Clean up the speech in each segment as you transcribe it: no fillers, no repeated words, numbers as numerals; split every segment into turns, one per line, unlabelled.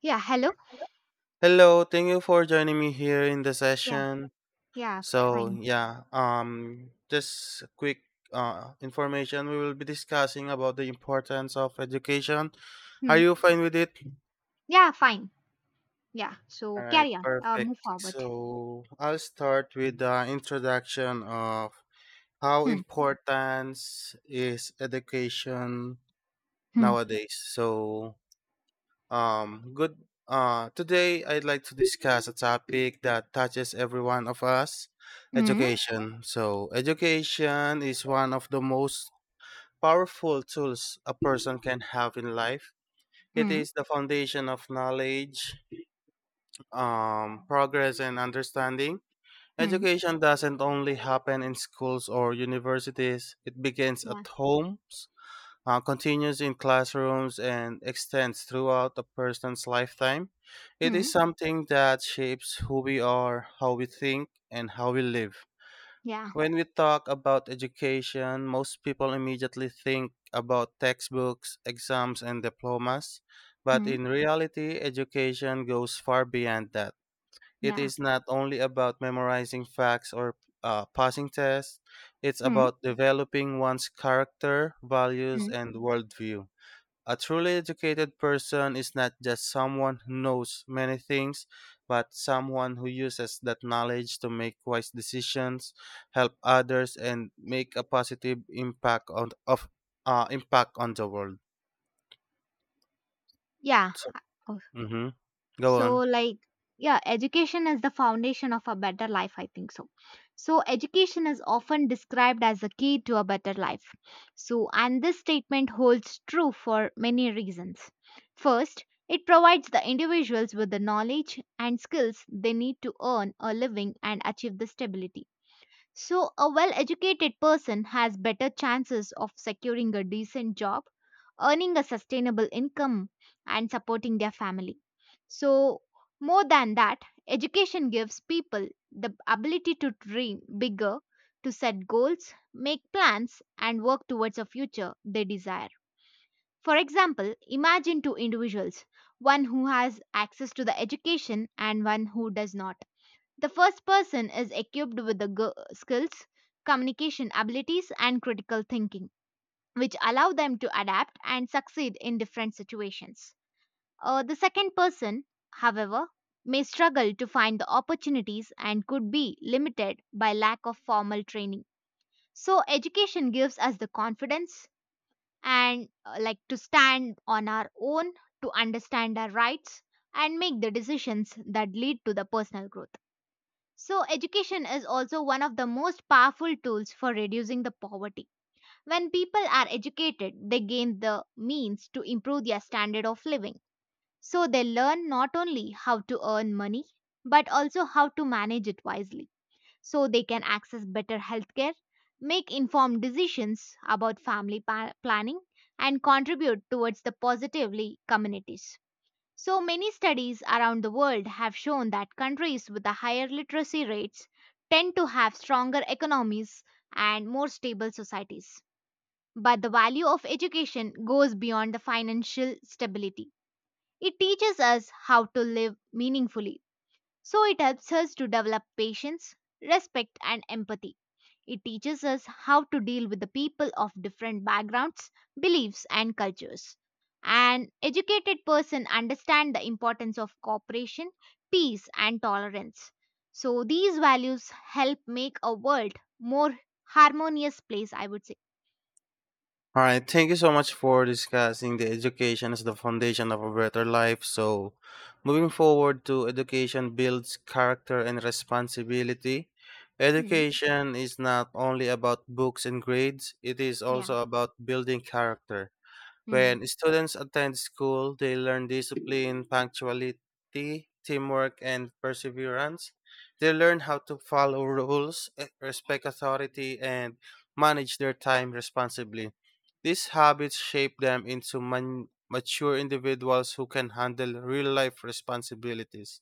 Yeah, hello.
Hello, thank you for joining me here in the
Yeah,
session.
yeah,
So,
fine.
yeah, um just a quick information we will be discussing about the importance of education. Are
Hmm.
you fine with it?
Yeah, fine. Yeah, so
All right,
carry on. Uh,
perfect.
move forward.
So, I'll start with the introduction of how
Hmm.
important is education
Hmm.
nowadays. Good. Today, I'd like to discuss a topic that touches every one of us,
Hmm.
education. So, education is one of the most powerful tools a person can have in life. It
Hmm.
is the foundation of knowledge, progress, and understanding.
Hmm.
Education doesn't only happen in schools or universities, it begins
Yeah.
at homes, continues in classrooms and extends throughout a person's lifetime. It
Hmm.
is something that shapes who we are, how we think, and how we live.
Yeah.
When we talk about education, most people immediately think about textbooks, exams, and diplomas. But
Hmm.
in reality, education goes far beyond that. It
Yeah.
is not only about memorizing facts or passing tests, it's
Hmm.
about developing one's character, values,
Hmm.
and worldview. A truly educated person is not just someone who knows many things, but someone who uses that knowledge to make wise decisions, help others, and make a positive impact on the world.
Yeah.
So,
Oh,
mm-hmm. Go
so,
on.
like, yeah, education is the foundation of a better life, I think so. So, education is often described as the key to a better life. So, and this statement holds true for many reasons. First, it provides the individuals with the knowledge and skills they need to earn a living and achieve the stability. So, a well educated person has better chances of securing a decent job, earning a sustainable income, and supporting their family. So, more than that, education gives people the ability to dream bigger, to set goals, make plans, and work towards a future they desire. For example, imagine two individuals, one who has access to the education and one who does not. The first person is equipped with the skills, communication abilities, and critical thinking, which allow them to adapt and succeed in different situations. The second person, however, may struggle to find the opportunities and could be limited by lack of formal training. So, education gives us the confidence and like to stand on our own, to understand our rights, and make the decisions that lead to the personal growth. So, education is also one of the most powerful tools for reducing the poverty. When people are educated, they gain the means to improve their standard of living. So, they learn not only how to earn money, but also how to manage it wisely. So, they can access better healthcare, make informed decisions about family planning, and contribute towards the positively communities. So many studies around the world have shown that countries with the higher literacy rates tend to have stronger economies and more stable societies. But the value of education goes beyond the financial stability. It teaches us how to live meaningfully. So it helps us to develop patience, respect and empathy. It teaches us how to deal with the people of different backgrounds, beliefs, and cultures. An educated person understands the importance of cooperation, peace, and tolerance. So these values help make a world more harmonious place, I would say.
All right, thank you so much for discussing the education as the foundation of a better life. So, moving forward to education builds character and responsibility.
Hmm.
Education is not only about books and grades, it is
Yeah.
also about building character.
Hmm.
When students attend school, they learn discipline, punctuality, teamwork, and perseverance. They learn how to follow rules, respect authority, and manage their time responsibly. These habits shape them into mature individuals who can handle real life responsibilities.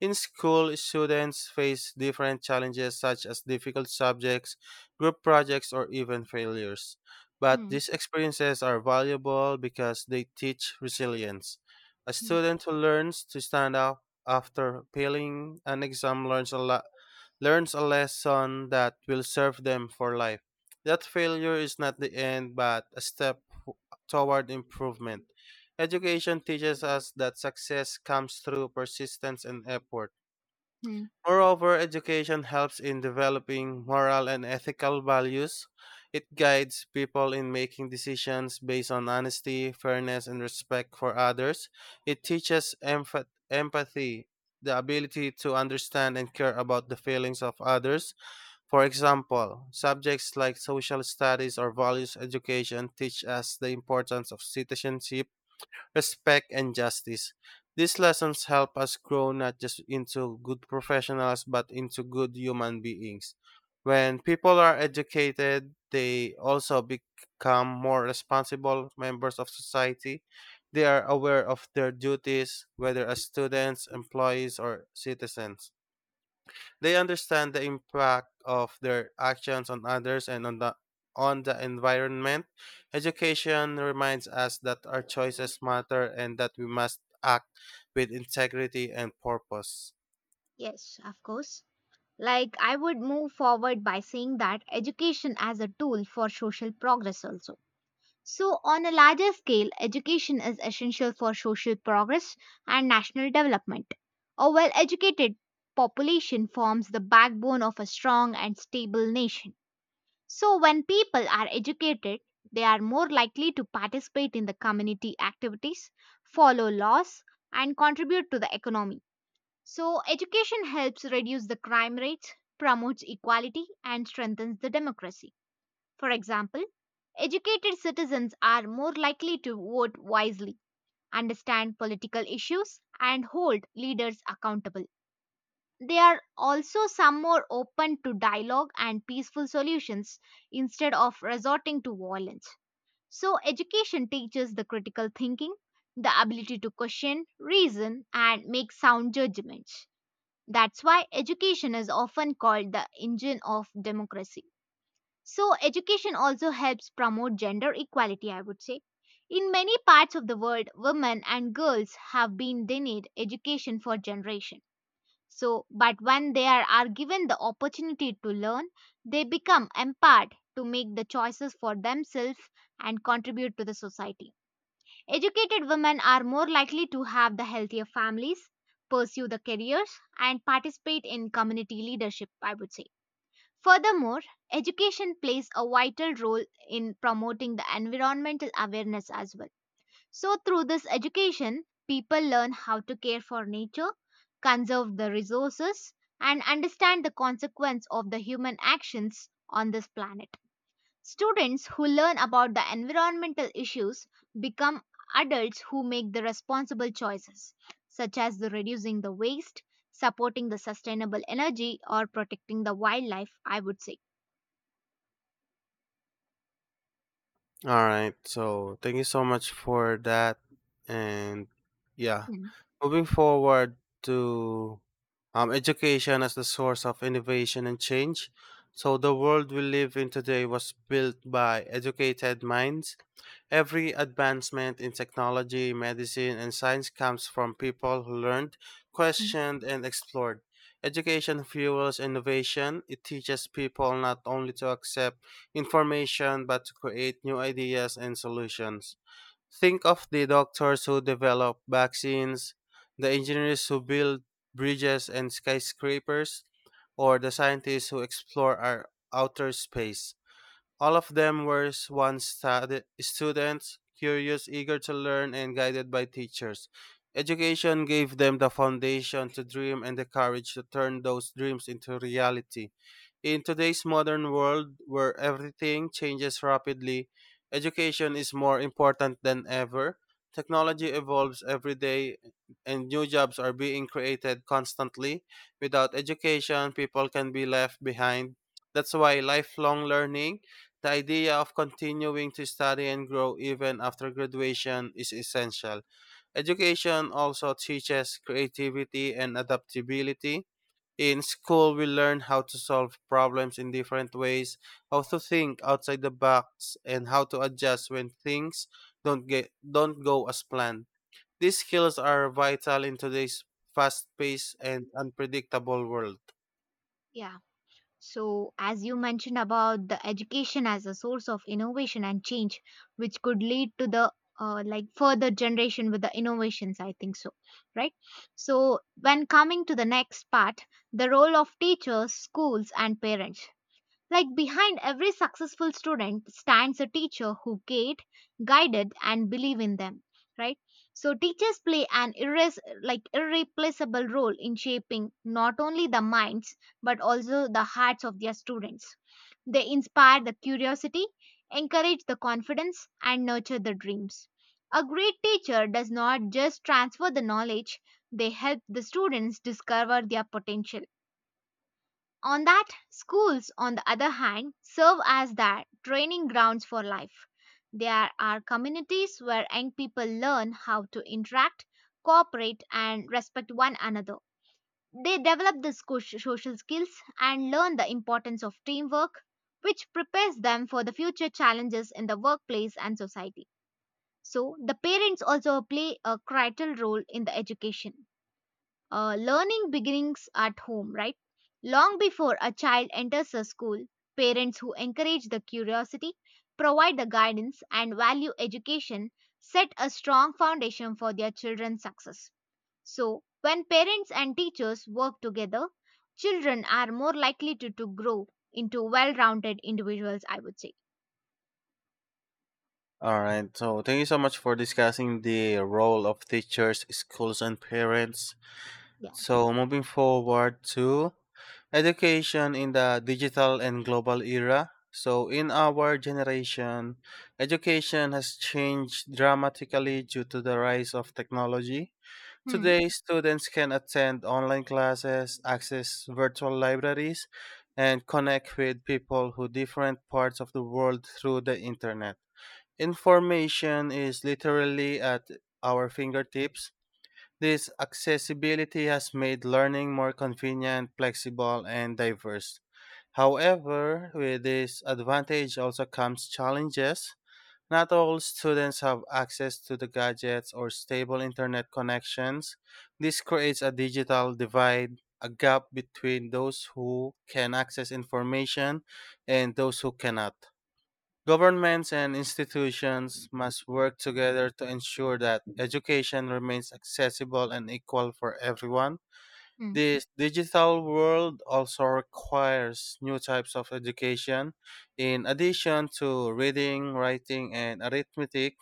In school, students face different challenges such as difficult subjects, group projects, or even failures. But
Hmm.
these experiences are valuable because they teach resilience. A
Hmm.
student who learns to stand up after failing an exam learns a lesson that will serve them for life. That failure is not the end, but a step toward improvement. Education teaches us that success comes through persistence and effort.
Hmm.
Moreover, education helps in developing moral and ethical values. It guides people in making decisions based on honesty, fairness, and respect for others. It teaches empathy, the ability to understand and care about the feelings of others. For example, subjects like social studies or values education teach us the importance of citizenship, respect, and justice. These lessons help us grow not just into good professionals, but into good human beings. When people are educated, they also become more responsible members of society. They are aware of their duties, whether as students, employees, or citizens. They understand the impact of their actions on others and on the environment. Education reminds us that our choices matter and that we must act with integrity and purpose.
Yes, of course. Like, I would move forward by saying that education as a tool for social progress also. So, on a larger scale, education is essential for social progress and national development. A well educated population forms the backbone of a strong and stable nation. So, when people are educated, they are more likely to participate in the community activities, follow laws, and contribute to the economy. So, education helps reduce the crime rates, promotes equality, and strengthens the democracy. For example, educated citizens are more likely to vote wisely, understand political issues, and hold leaders accountable. They are also some more open to dialogue and peaceful solutions instead of resorting to violence. So, education teaches the critical thinking, the ability to question, reason, and make sound judgments. That's why education is often called the engine of democracy. So, education also helps promote gender equality, I would say. In many parts of the world, women and girls have been denied education for generations. So, but when they are given the opportunity to learn, they become empowered to make the choices for themselves and contribute to the society. Educated women are more likely to have the healthier families, pursue the careers, and participate in community leadership, I would say. Furthermore, education plays a vital role in promoting the environmental awareness as well. So, through this education, people learn how to care for nature, conserve the resources, and understand the consequence of the human actions on this planet. Students who learn about the environmental issues become adults who make the responsible choices, such as the reducing the waste, supporting the sustainable energy, or protecting the wildlife, I would say.
All right. So thank you so much for that. And yeah,
Mhm,
moving forward to education as the source of innovation and change. So the world we live in today was built by educated minds. Every advancement in technology, medicine, and science comes from people who learned,
mhm.
questioned, and explored. Education fuels innovation. It teaches people not only to accept information but to create new ideas and solutions. Think of the doctors who develop vaccines, the engineers who build bridges and skyscrapers, or the scientists who explore our outer space. All of them were once students, curious, eager to learn, and guided by teachers. Education gave them the foundation to dream and the courage to turn those dreams into reality. In today's modern world where everything changes rapidly, education is more important than ever. Technology evolves every day and new jobs are being created constantly. Without education, people can be left behind. That's why lifelong learning, the idea of continuing to study and grow even after graduation, is essential. Education also teaches creativity and adaptability. In school, we learn how to solve problems in different ways, how to think outside the box, and how to adjust when things don't go as planned. These skills are vital in today's fast-paced and unpredictable world.
Yeah. So, as you mentioned about the education as a source of innovation and change, which could lead to the like further generation with the innovations, I think so, right? So, when coming to the next part, the role of teachers, schools, and parents. Like behind every successful student stands a teacher who guided and believe in them, right? So teachers play an irreplaceable role in shaping not only the minds but also the hearts of their students. They inspire the curiosity, encourage the confidence and nurture the dreams. A great teacher does not just transfer the knowledge, they help the students discover their potential on that. Schools, on the other hand, serve as that training grounds for life. There are communities where young people learn how to interact, cooperate, and respect one another. They develop the social skills and learn the importance of teamwork, which prepares them for the future challenges in the workplace and society. So, the parents also play a critical role in the education. Learning begins at home, right? Long before a child enters a school, parents who encourage the curiosity, provide the guidance, and value education set a strong foundation for their children's success. So, when parents and teachers work together, children are more likely to grow into well rounded individuals, I would say.
All right. So, thank you so much for discussing the role of teachers, schools, and parents.
Yeah.
So, moving forward to education in the digital and global era. So, in our generation, education has changed dramatically due to the rise of technology.
Hmm.
Today, students can attend online classes, access virtual libraries, and connect with people who different parts of the world through the internet. Information is literally at our fingertips. This accessibility has made learning more convenient, flexible, and diverse. However, with this advantage also comes challenges. Not all students have access to the gadgets or stable internet connections. This creates a digital divide, a gap between those who can access information and those who cannot. Governments and institutions must work together to ensure that education remains accessible and equal for everyone.
Hmm.
This digital world also requires new types of education. In addition to reading, writing, and arithmetic,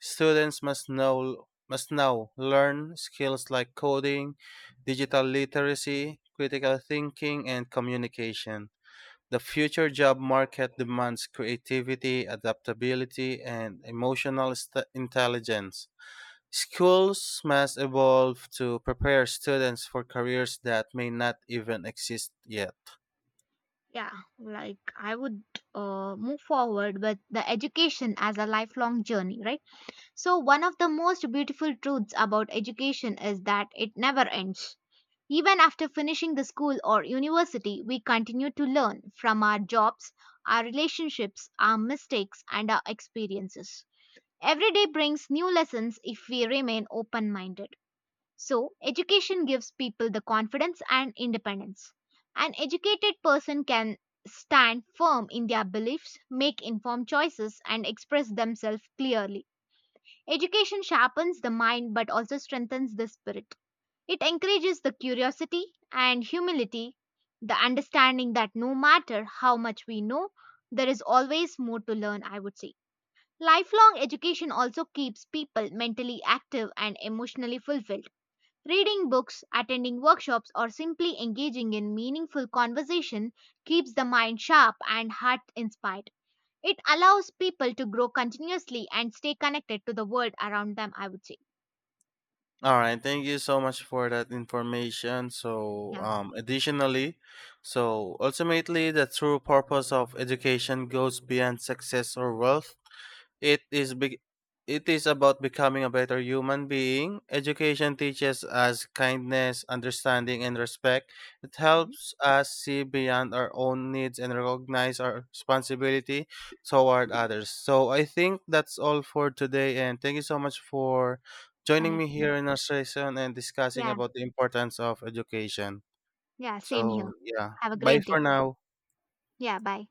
students must know must now learn skills like coding, digital literacy, critical thinking, and communication. The future job market demands creativity, adaptability, and intelligence. Schools must evolve to prepare students for careers that may not even exist yet.
Yeah, like I would move forward with the education as a lifelong journey, right? So, one of the most beautiful truths about education is that it never ends. Even after finishing the school or university, we continue to learn from our jobs, our relationships, our mistakes, and our experiences. Every day brings new lessons if we remain open minded. So, education gives people the confidence and independence. An educated person can stand firm in their beliefs, make informed choices, and express themselves clearly. Education sharpens the mind but also strengthens the spirit. It encourages the curiosity and humility, the understanding that no matter how much we know, there is always more to learn, I would say. Lifelong education also keeps people mentally active and emotionally fulfilled. Reading books, attending workshops, or simply engaging in meaningful conversation keeps the mind sharp and heart inspired. It allows people to grow continuously and stay connected to the world around them, I would say.
All right, thank you so much for that information.
Yeah.
So ultimately, the true purpose of education goes beyond success or wealth. It is be- it is about becoming a better human being. Education teaches us kindness, understanding, and respect. It
And
helps us see beyond our own needs and recognize our responsibility toward others. So I think that's all for today, and thank you so much for joining me
connecting.
here in our session and discussing
Yeah.
about the importance of education.
Yeah. Same here.
So yeah,
Have a
bye
great day.
for now.
Yeah. Bye.